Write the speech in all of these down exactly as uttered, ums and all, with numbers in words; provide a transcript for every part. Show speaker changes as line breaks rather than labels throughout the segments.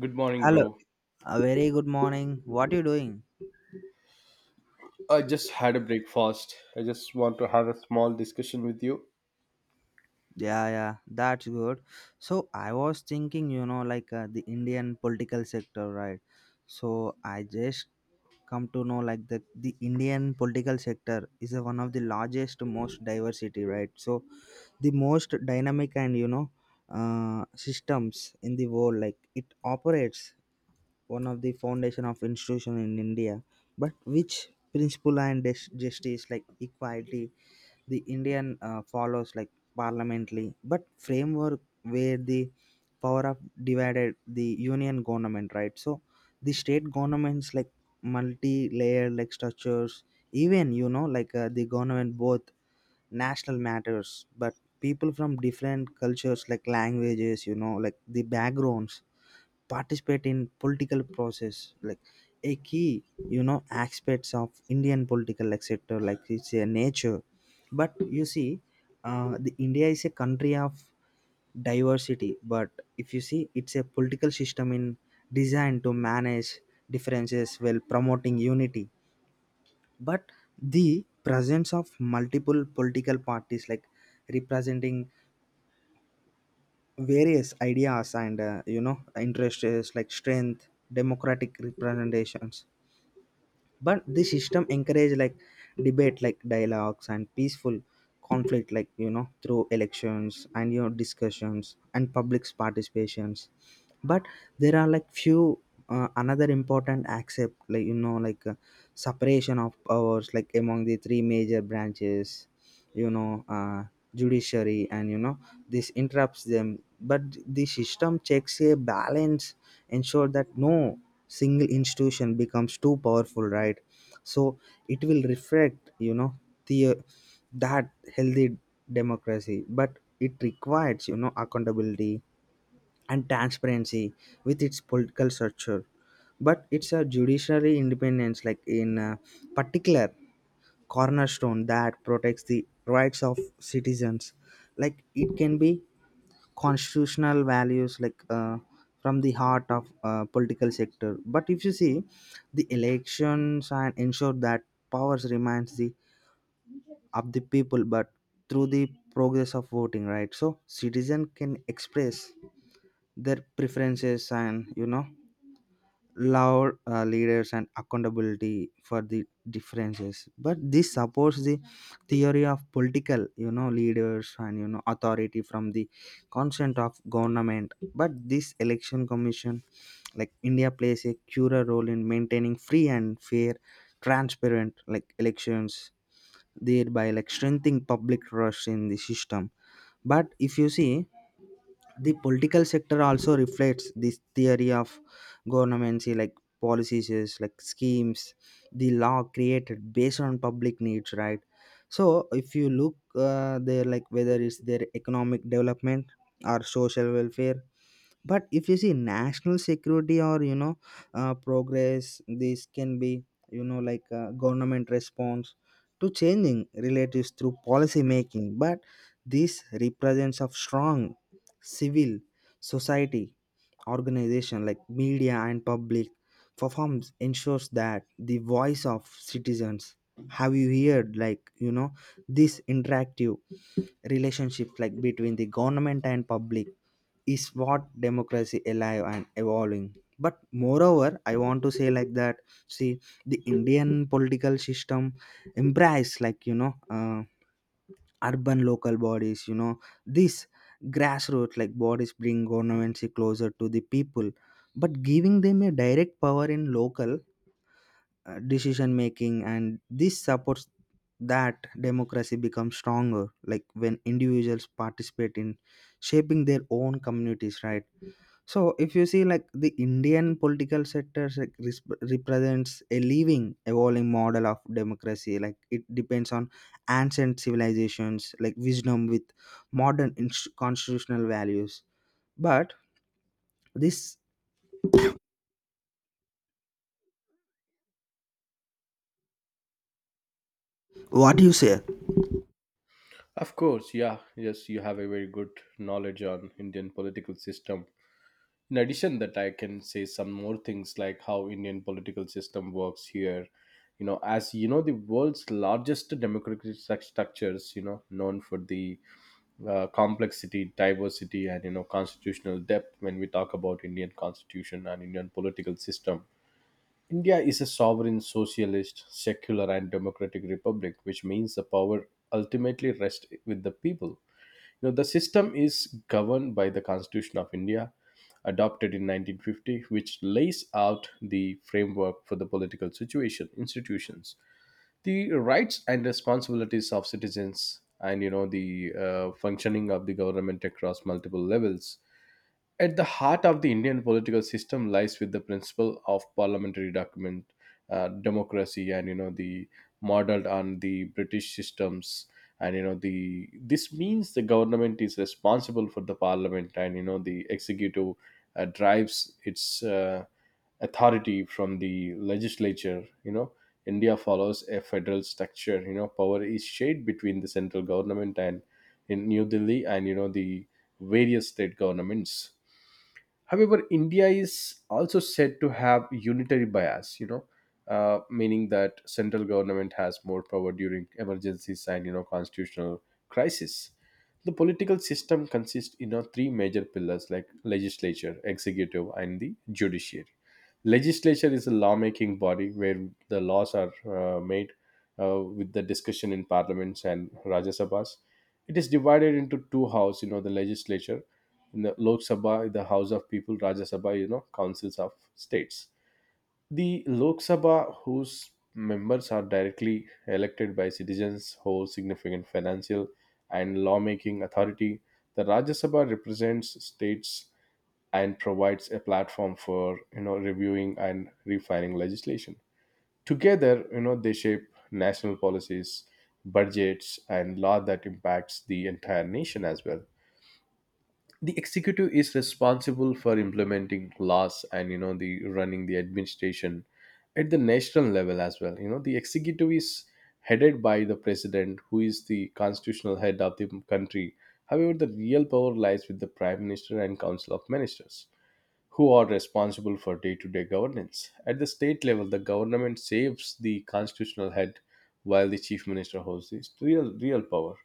Good morning,
Hello,
bro.
a very good morning. What you doing?
I just had a breakfast. I just want to have a small discussion with you.
Yeah, yeah, that's good. So I was thinking, you know, like uh, the Indian political sector, right? So I just come to know like the the Indian political sector is uh, one of the largest, most diversity, right? So the most dynamic and you know uh, systems in the world, like it operates one of the foundation of institution in India, but which principle and dis- justice like equality the Indian uh, follows like parliamentary, but framework where the power of divided the union government, right? So the state governments like multi-layered like structures, even you know like uh, the government both national matters, but people from different cultures like languages, you know, like the backgrounds participate in political process like a key you know aspects of indian political like sector like it's a nature but you see, uh, the india is a country of diversity but if you see it's a political system in designed to manage differences while promoting unity, but the presence of multiple political parties like representing various ideas and uh, you know interests like strength democratic representations, but this system encourage like debate like dialogues and peaceful conflict like you know through elections and you know discussions and public's participations, but there are like few uh, another important accept like you know like uh, separation of powers like among the three major branches, you know uh, judiciary and you know this interrupts them, but the system checks a balance ensure that no single institution becomes too powerful, right? So it will reflect you know the that healthy democracy, but it requires you know accountability and transparency with its political structure, but it's a judiciary independence like in uh, particular cornerstone that protects the rights of citizens, like it can be constitutional values like uh, from the heart of uh, political sector. But if you see the elections and ensure that powers remains the of the people, but through the progress of voting, right? So citizen can express their preferences and you know loud uh, leaders and accountability for the differences, but this supports the theory of political you know leaders and you know authority from the consent of government, but this election commission like india plays a crucial role in maintaining free and fair transparent like elections, thereby like strengthening public trust in the system. But if you see, the political sector also reflects this theory of governance like policies is like schemes the law created based on public needs, right? So if you look uh, there like whether it's their economic development or social welfare, but if you see national security or you know uh, progress, this can be you know like uh, government response to changing relatives through policy making, but this represents of strong civil society organization like media and public performs ensures that the voice of citizens have you heard like you know this interactive relationship like between the government and public is what democracy alive and evolving. But moreover I want to say like that, see, the indian political system embrace like you know uh, urban local bodies, you know this grassroots like bodies bring governments closer to the people, but giving them a direct power in local uh, decision making, and this supports that democracy becomes stronger like when individuals participate in shaping their own communities, right? So if you see like the Indian political sector like, res- represents a living, evolving model of democracy. Like it depends on ancient civilizations, like wisdom with modern inst- constitutional values. But this, what do you say?
Of course, yeah. Yes, you have a very good knowledge on Indian political system. In addition that I can say some more things like how Indian political system works here. You know, as you know, the world's largest democratic struc- structures, you know, known for the uh, complexity, diversity, and you know, constitutional depth. When we talk about Indian constitution and Indian political system, India is a sovereign, socialist, secular, and democratic republic, which means the power ultimately rests with the people. You know, the system is governed by the Constitution of India, adopted in nineteen fifty, which lays out the framework for the political situation, institutions, the rights and responsibilities of citizens, and you know the uh, functioning of the government across multiple levels. At the heart of the Indian political system lies with the principle of parliamentary document uh, democracy, and you know the modeled on the British systems. And you know the this means the government is responsible for the parliament, and you know the executive uh, drives its uh, authority from the legislature. You know India follows a federal structure. You know power is shared between the central government and in New Delhi, and you know the various state governments. However, India is also said to have unitary bias, you know, uh, meaning that central government has more power during emergencies and you know constitutional crisis. The political system consists in you know three major pillars like legislature, executive, and the judiciary. Legislature is a lawmaking body where the laws are uh, made uh, with the discussion in parliaments and Rajya Sabhas. It is divided into two house, you know, the legislature, in the Lok Sabha, the House of People, Rajya Sabha, you know, councils of states. The Lok Sabha, whose members are directly elected by citizens, holds significant financial and lawmaking authority. The Rajya Sabha represents states and provides a platform for you know reviewing and refining legislation. Together, you know, they shape national policies, budgets, and law that impacts the entire nation as well. The executive is responsible for implementing laws and you know the running the administration at the national level as well. You know, the executive is headed by the president, who is the constitutional head of the country. However, the real power lies with the prime minister and council of ministers who are responsible for day to day governance. At the state level, the government saves the constitutional head while the chief minister holds the real, real power.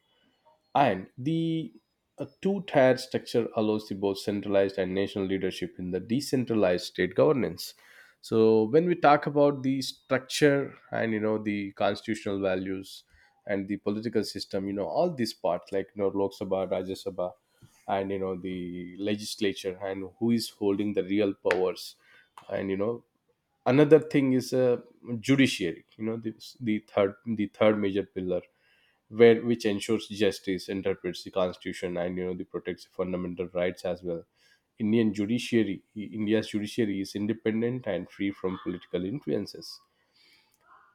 And the uh, two tier structure allows the both centralized and national leadership in the decentralized state governance. So when we talk about the structure and you know the constitutional values and the political system, you know all these parts like you know Lok Sabha, Rajya Sabha, and you know the legislature, and who is holding the real powers. And you know another thing is uh, judiciary. You know the the third the third major pillar, where which ensures justice, interprets the constitution, and you know the protects the fundamental rights as well. Indian judiciary, India's judiciary is independent and free from political influences.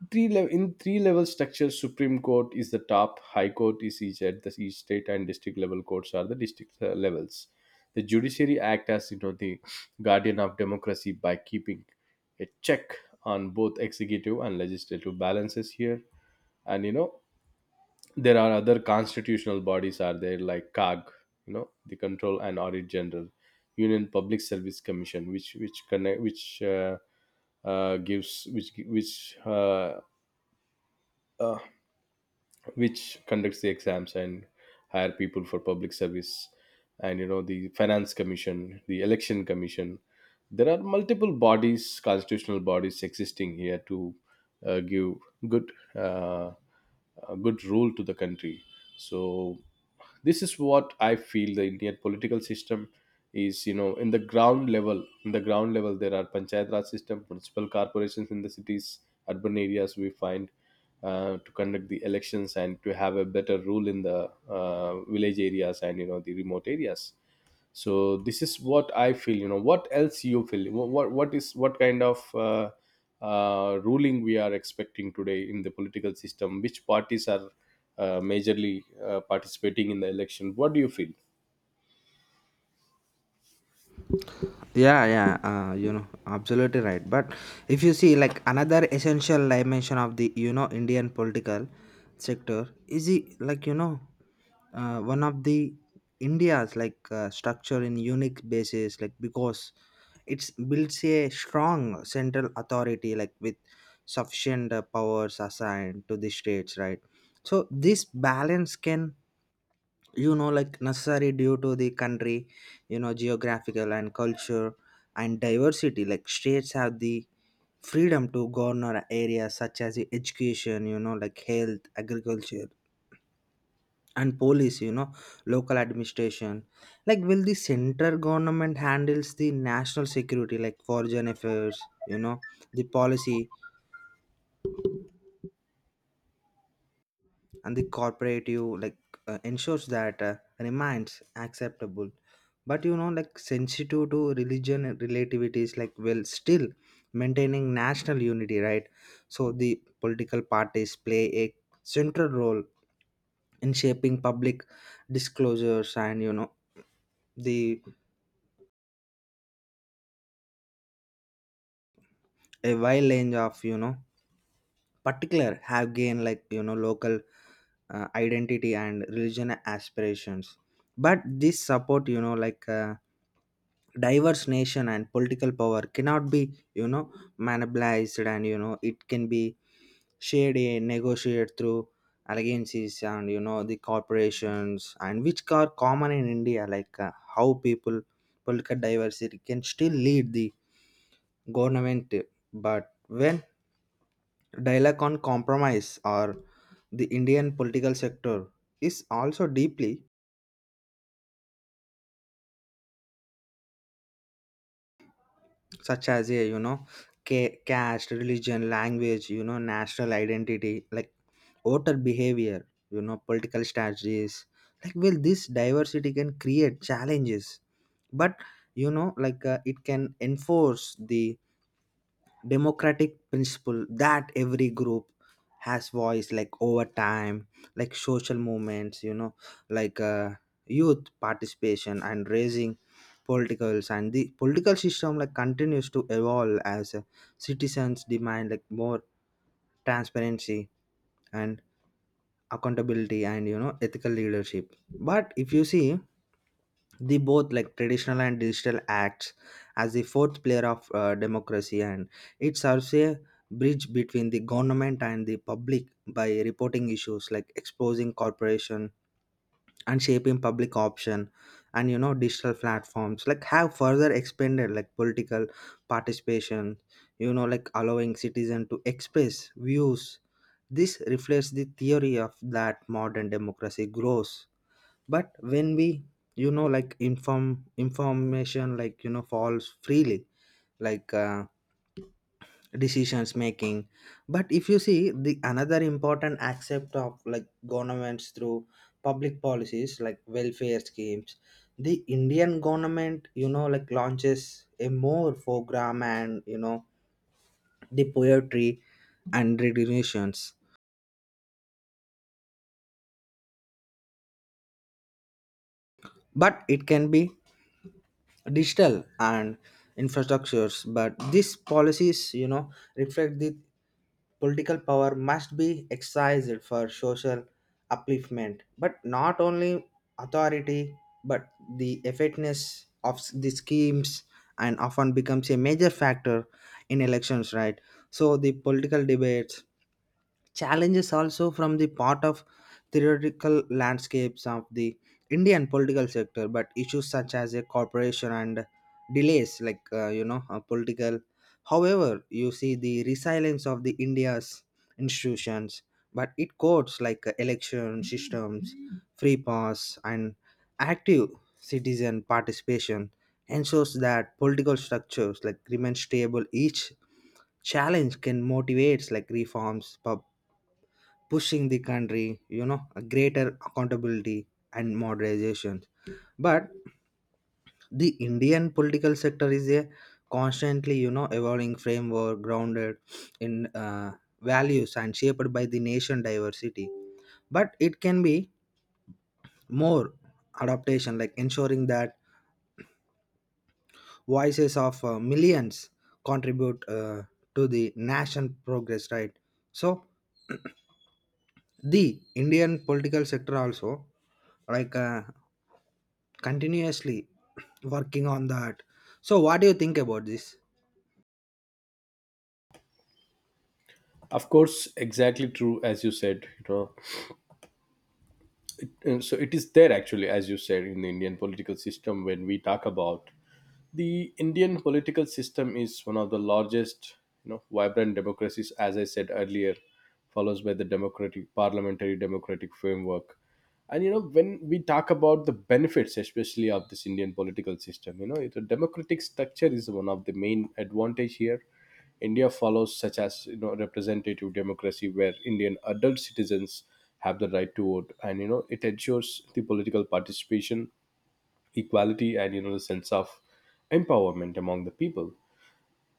Three level in three level structure, Supreme Court is the top, High Court is each at the each state, and district level courts are the district uh, levels. The judiciary act as you know the guardian of democracy by keeping a check on both executive and legislative balances here. And you know there are other constitutional bodies are there like C A G, you know the control and audit general union public service commission, which which connect which uh, uh, gives which which uh, uh, which conducts the exams and hire people for public service, and you know the finance commission, the election commission. There are multiple bodies, constitutional bodies existing here to uh, give good uh, a good rule to the country. So this is what I feel the Indian political system is. You know, in the ground level, in the ground level, there are panchayat raj system, municipal corporations in the cities, urban areas. We find uh, to conduct the elections and to have a better rule in the uh, village areas and you know the remote areas. So this is what I feel. You know what else you feel? Wha- what what is what kind of uh, uh, ruling we are expecting today in the political system? Which parties are uh, majorly uh, participating in the election? What do you feel?
Yeah, yeah, uh, you know, absolutely right. But if you see like another essential dimension of the you know indian political sector is the like you know uh, one of the india's like uh, structure in unique basis, like because it's builds a strong central authority like with sufficient uh, powers assigned to the states, right? So this balance can you know like necessary due to the country you know geographical and culture and diversity like states have the freedom to govern areas such as the education, you know like health agriculture and police, you know local administration, like will the central government handles the national security like foreign affairs, you know the policy and the cooperative like uh, ensures that uh, remains acceptable. But you know like sensitive to religion and relativities like will still maintaining national unity, right? So the political parties play a central role in shaping public disclosures and you know the a wide range of you know particular have gained like you know local uh, identity and religion aspirations, but this support you know like uh, diverse nation and political power cannot be you know monopolized, and you know it can be shared and negotiated through alliances and you know the corporations and which are common in india like uh, how people political diversity can still lead the government. But when dialogue on compromise, or the Indian political sector is also deeply such as a you know ca- caste, religion, language, you know national identity, like voter behavior, you know political strategies. Like well, this diversity can create challenges, but you know like uh, it can enforce the democratic principle that every group has voice like over time, like social movements, you know like uh, youth participation and raising politicals, and the political system like continues to evolve as uh, citizens demand like more transparency and accountability and you know ethical leadership. But if you see the both like traditional and digital acts as the fourth pillar of uh, democracy, and it serves a bridge between the government and the public by reporting issues like exposing corporation and shaping public option, and you know digital platforms like have further expanded like political participation, you know like allowing citizen to express views. This reflects the theory of that modern democracy grows, but when we you know like inform information like you know falls freely, like uh, decisions making. But if you see the another important aspect of like governments through public policies like welfare schemes, the indian government you know like launches a more program, and you know the poetry and regulations, but it can be digital and infrastructures, but these policies you know reflect the political power must be exercised for social upliftment but not only authority. But the effectiveness of the schemes and often becomes a major factor in elections, right? So the political debates challenges also from the part of theoretical landscapes of the indian political sector, but issues such as a corporation and delays like uh, you know uh, political, however you see the resilience of the india's institutions, but it codes like uh, election systems free pass and active citizen participation ensures that political structures like remain stable, each challenge can motivate like reforms pub pushing the country, you know, a greater accountability and moderation. But the Indian political sector is a constantly, you know, evolving framework grounded in uh, values and shaped by the nation diversity. But it can be more adaptation, like ensuring that voices of uh, millions contribute uh, to the nation progress, right? So the Indian political sector also like uh, continuously working on that, so what do you think about this?
Of course, exactly true as you said, you know and so it is there actually, as you said. In the Indian political system, when we talk about the Indian political system, is one of the largest, you know vibrant democracies, as I said earlier, follows by the democratic parliamentary democratic framework. And you know when we talk about the benefits, especially of this Indian political system, you know it, a democratic structure is one of the main advantage here. India follows such as you know representative democracy where Indian adult citizens have the right to vote, and you know it ensures the political participation, equality, and you know the sense of empowerment among the people.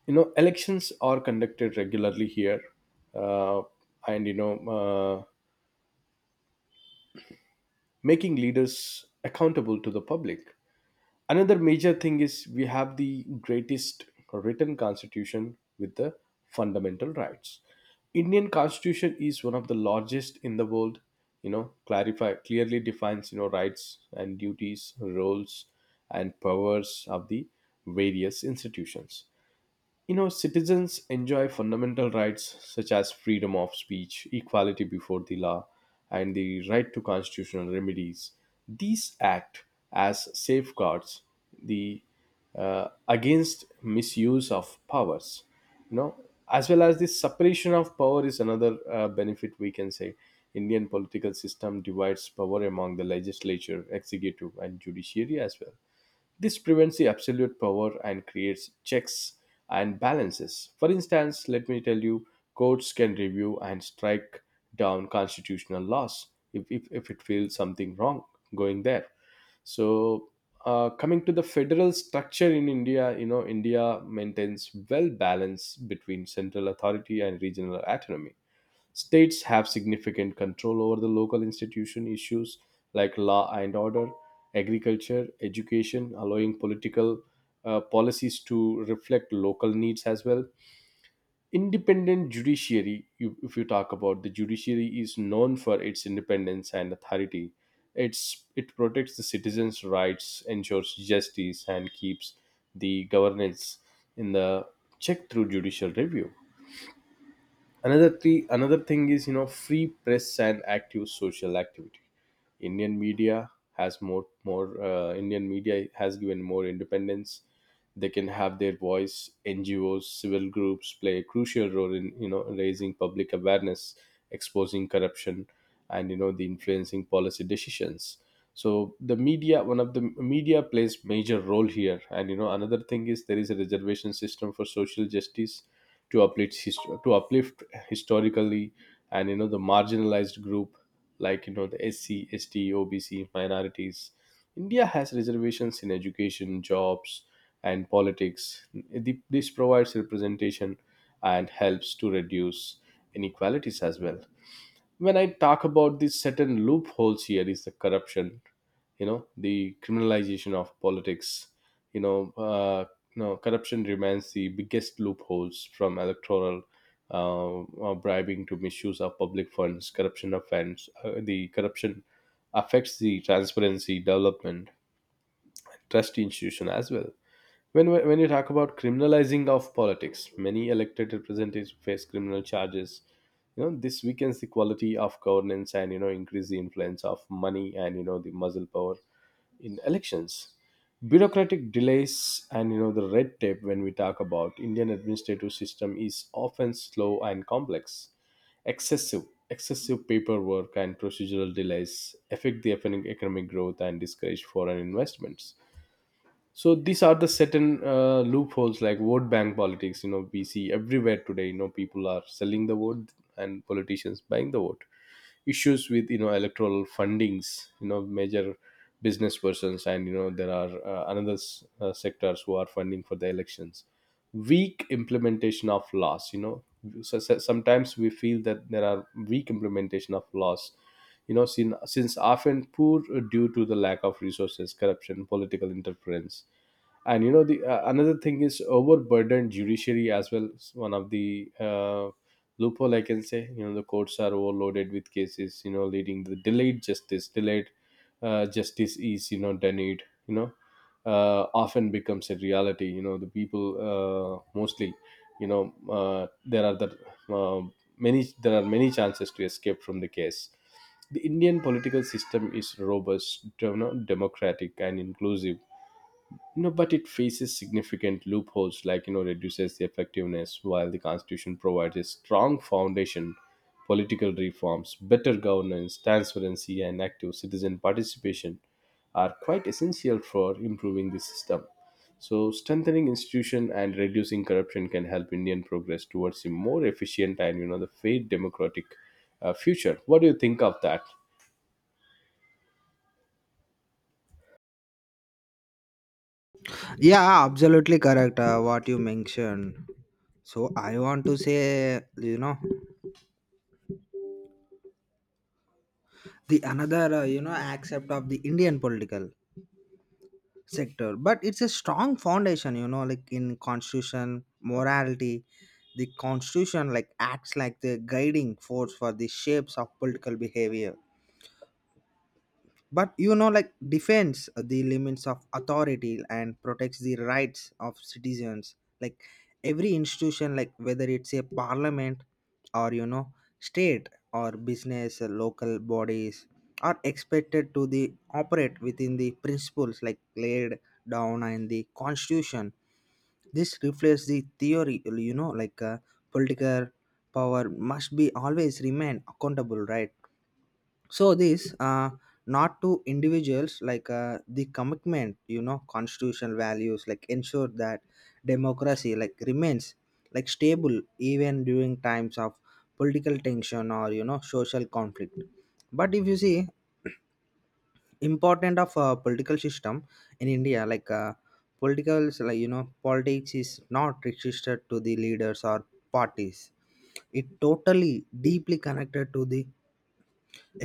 You know elections are conducted regularly here, uh, and you know uh, making leaders accountable to the public. Another major thing is we have the greatest written constitution with the fundamental rights. Indian constitution is one of the largest in the world, you know, clarify clearly defines, you know, rights and duties, roles and powers of the various institutions. You know, citizens enjoy fundamental rights such as freedom of speech, equality before the law, and the right to constitutional remedies. These act as safeguards, the uh, against misuse of powers. You know, as well as the separation of power is another uh, benefit we can say. Indian political system divides power among the legislature, executive, and judiciary as well. This prevents the absolute power and creates checks and balances. For instance, let me tell you, courts can review and strike down constitutional laws if, if, if it feels something wrong going there. So, uh, coming to the federal structure in India, you know, India maintains well balance between central authority and regional autonomy. States have significant control over the local institution issues like law and order, agriculture, education, allowing political uh, policies to reflect local needs as well. Independent judiciary, you, if you talk about the judiciary, is known for its independence and authority. It's it protects the citizens' rights, ensures justice, and keeps the governance in the check through judicial review. Another three, another thing is, you know free press and active social activity. Indian media has more more uh, Indian media has given more independence. They can have their voice. N G Os, civil groups play a crucial role in you know raising public awareness, exposing corruption, and you know the influencing policy decisions. So the media, one of the media plays major role here. And you know another thing is there is a reservation system for social justice to uplift hist- to uplift historically and you know the marginalized group, like you know the S C, S T, O B C minorities. India has reservations in education, jobs, and politics. The- This provides representation and helps to reduce inequalities as well. When i talk about these certain loopholes, here is the corruption, you know the criminalization of politics. You know uh, you know, corruption remains the biggest loopholes, from electoral uh, uh, bribing to misuse of public funds. Corruption offense, uh, the corruption affects the transparency, development, trust, institution as well. When, when you talk about criminalizing of politics, many elected representatives face criminal charges. You know, this weakens the quality of governance and, you know, increase the influence of money and, you know, the muscle power in elections. Bureaucratic delays and, you know, the red tape, when we talk about Indian administrative system is often slow and complex. Excessive, excessive paperwork and procedural delays affect the economic economic growth and discourage foreign investments. So these are the certain uh, loopholes like vote bank politics, you know, we see everywhere today. You know, people are selling the vote and politicians buying the vote. Issues with, you know, electoral fundings, you know, major business persons and, you know, there are uh, another s- uh, sectors who are funding for the elections. Weak implementation of laws, you know. So, so- sometimes we feel that there are weak implementation of laws, you know. Sin, since often poor due to the lack of resources, corruption, political interference. And you know, the uh, another thing is overburdened judiciary as well. It's one of the uh, loophole, I can say. You know, the courts are overloaded with cases, you know, leading to delayed justice. Delayed uh, justice is, you know, denied, you know, uh, often becomes a reality. You know, the people uh, mostly, you know, uh, there are the uh, many there are many chances to escape from the case. The Indian political system is robust, you know, democratic and inclusive. You know, but it faces significant loopholes like, you know, reduces the effectiveness. While the constitution provides a strong foundation, political reforms, better governance, transparency and active citizen participation are quite essential for improving the system. So strengthening institution and reducing corruption can help Indian progress towards a more efficient and, you know, the fair democratic uh, future. What do you think of that?
Yeah, absolutely correct, uh, what you mentioned. So I want to say, you know, the another uh, you know accept of the indian political sector, but it's a strong foundation, you know like in constitution morality. The constitution like acts like the guiding force for the shapes of political behavior, but you know like defends the limits of authority and protects the rights of citizens, like every institution, like whether it's a parliament or you know state or business uh, local bodies, are expected to the operate within the principles like laid down in the constitution. This reflects the theory you know like uh, political power must be always remain accountable, right? So this uh, not to individuals like uh, the commitment you know constitutional values like ensure that democracy like remains like stable, even during times of political tension or you know social conflict. But if you see important of a political system in india like uh, political like you know politics is not registered to the leaders or parties, it totally deeply connected to the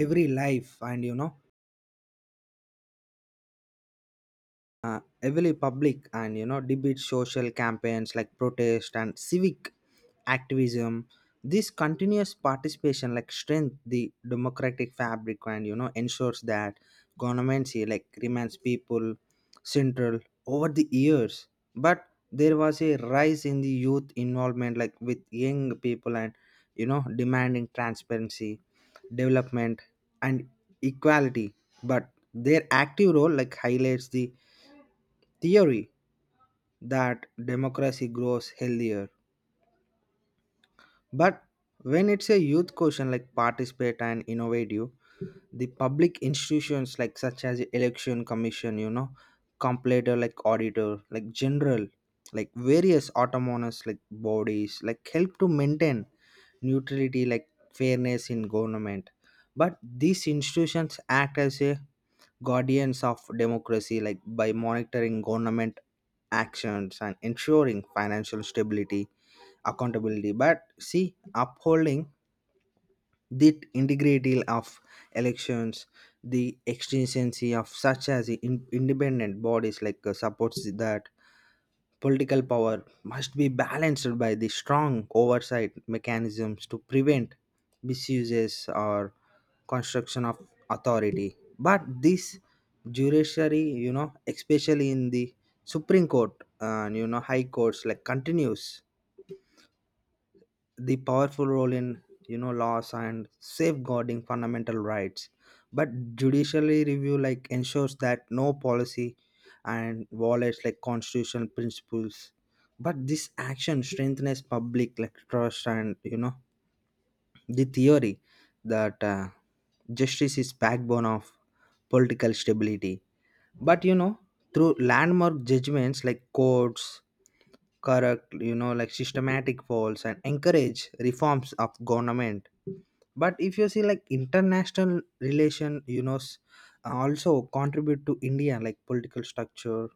every life, and you know uh, heavily public and you know debate social campaigns like protest and civic activism. This continuous participation like strength the democratic fabric, and you know ensures that governments here like remains people central over the years. But there was a rise in the youth involvement like with young people, and you know demanding transparency development and equality, but their active role like highlights the theory that democracy grows healthier. But when it's a youth question like participate and innovative, the public institutions like such as election commission, you know, completer like auditor, like general, like various autonomous like bodies, like help to maintain neutrality like fairness in government. But these institutions act as a guardians of democracy like by monitoring government actions and ensuring financial stability accountability, but see upholding the integrity of elections, the exigency of such as in- independent bodies like uh, supports that political power must be balanced by the strong oversight mechanisms to prevent misuses or construction of authority. But this judiciary, you know, especially in the Supreme Court and you know High Courts, like continues the powerful role in you know laws and safeguarding fundamental rights, but judiciary review like ensures that no policy and violates like constitutional principles, but this action strengthens public like trust, and you know the theory that uh, justice is backbone of political stability. But you know through landmark judgments like courts correct you know like systematic polls and encourage reforms of government. But if you see like international relation, you know s- also contribute to india like political structure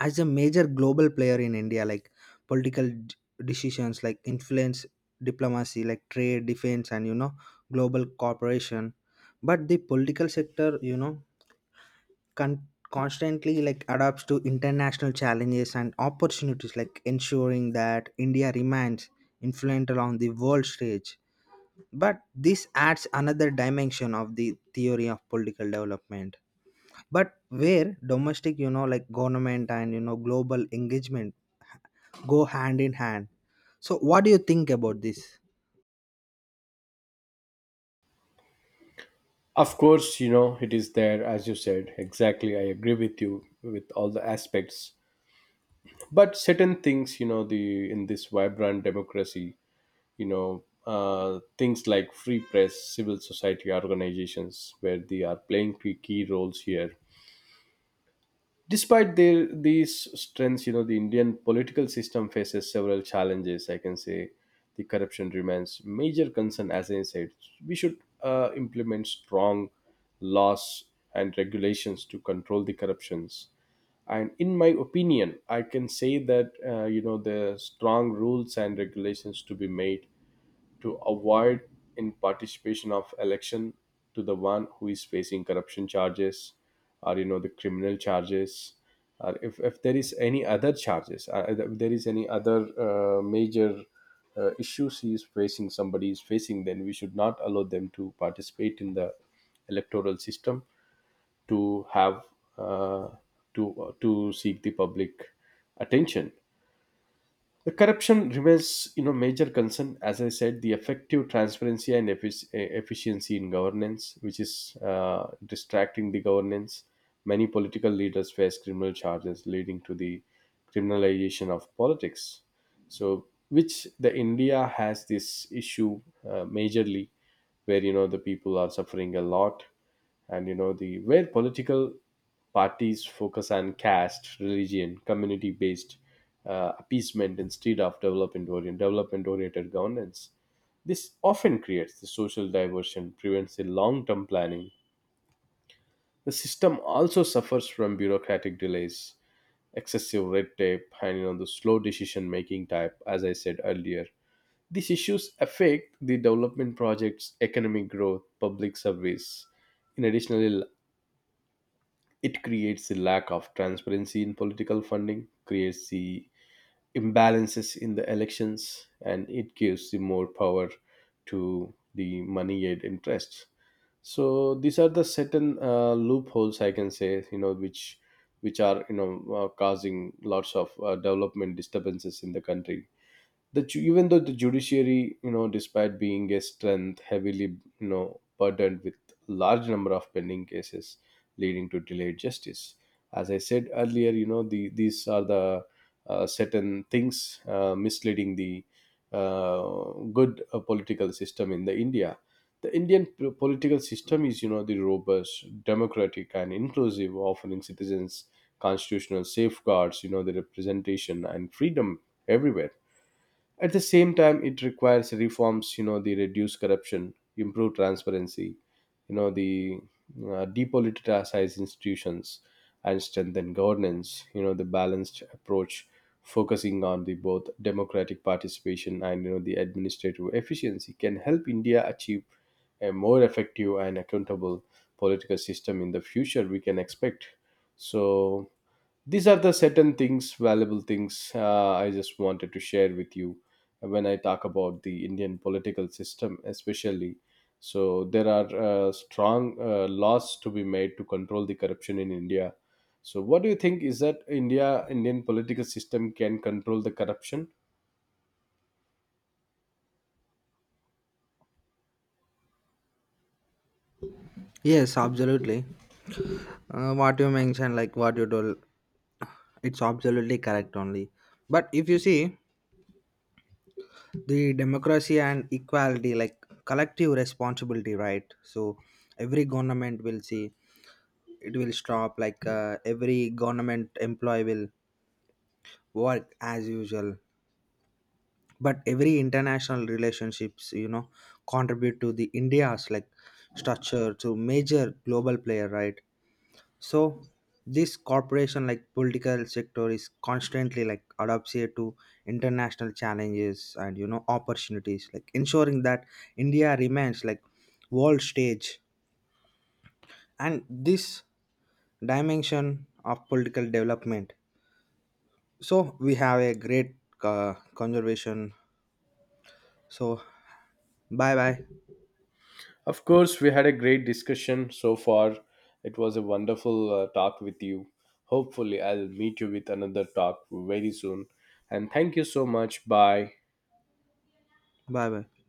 as a major global player in india like political d- decisions like influence diplomacy like trade defense, and you know global cooperation. But the political sector, you know, con- constantly like adapts to international challenges and opportunities, like ensuring that india remains influential on the world stage. But this adds another dimension of the theory of political development, but where domestic you know like government and you know global engagement go hand in hand. So what do you think about this?
Of course, you know, it is there, as you said. Exactly. I agree with you with all the aspects. But certain things, you know, the in this vibrant democracy, you know, uh, things like free press, civil society organizations, where they are playing key key roles here. Despite their these strengths, you know, the Indian political system faces several challenges, I can say. The corruption remains major concern. As I said, we should uh, implement strong laws and regulations to control the corruptions. And in my opinion, I can say that, uh, you know, the strong rules and regulations to be made to avoid in participation of election to the one who is facing corruption charges, or, you know, the criminal charges, or if, if there is any other charges, uh, if there is any other uh, major uh, issues he is facing, somebody is facing, then we should not allow them to participate in the electoral system to have uh, to uh, to seek the public attention. The corruption remains, you know, major concern. As I said, the effective transparency and effic- eh, efficiency in governance, which is uh, distracting the governance. Many political leaders face criminal charges, leading to the criminalization of politics, so which the India has this issue uh, majorly, where, you know, the people are suffering a lot. And you know, the where political parties focus on caste, religion, community based uh, appeasement instead of development oriented development oriented governance. This often creates the social diversion, prevents the long term planning. The system also suffers from bureaucratic delays, excessive red tape and, you know, the slow decision making type, as I said earlier. These issues affect the development project's economic growth, public service. In addition, it creates the lack of transparency in political funding, creates the imbalances in the elections, and it gives the more power to the money aid interests. So these are the certain uh, loopholes I can say, you know, which which are, you know, uh, causing lots of uh, development disturbances in the country. The ju- even though the judiciary, you know, despite being a strength, heavily, you know, burdened with large number of pending cases, leading to delayed justice. As I said earlier, you know, the these are the uh, certain things uh, misleading the uh, good uh, political system in the India. The indian p- political system is, you know, the robust, democratic and inclusive, offering citizens constitutional safeguards, you know, the representation and freedom everywhere. At the same time, it requires reforms, you know, the reduce corruption, improve transparency, you know, the uh, depoliticize institutions and strengthen governance, you know, the balanced approach focusing on the both democratic participation and, you know, the administrative efficiency can help India achieve a more effective and accountable political system in the future we can expect. So these are the certain things, valuable things, uh, I just wanted to share with you when I talk about the Indian political system especially. So there are uh, strong uh, laws to be made to control the corruption in India. So what do you think, is that india Indian political system can control the corruption?
Yes, absolutely, uh, what you mentioned, like what you told, it's absolutely correct only. But if you see, the democracy and equality like collective responsibility, right? So every government will see it will stop like uh, every government employee will work as usual, but every international relationships you know contribute to the india's like structure to major global player, right? So this corporation like political sector is constantly like adapts here to international challenges and you know opportunities, like ensuring that india remains like world stage, and this dimension of political development. So we have a great uh, conservation, so bye bye.
Of course, we had a great discussion so far. It was a wonderful uh, talk with you. Hopefully I'll meet you with another talk very soon. And thank you so much. Bye.
Bye bye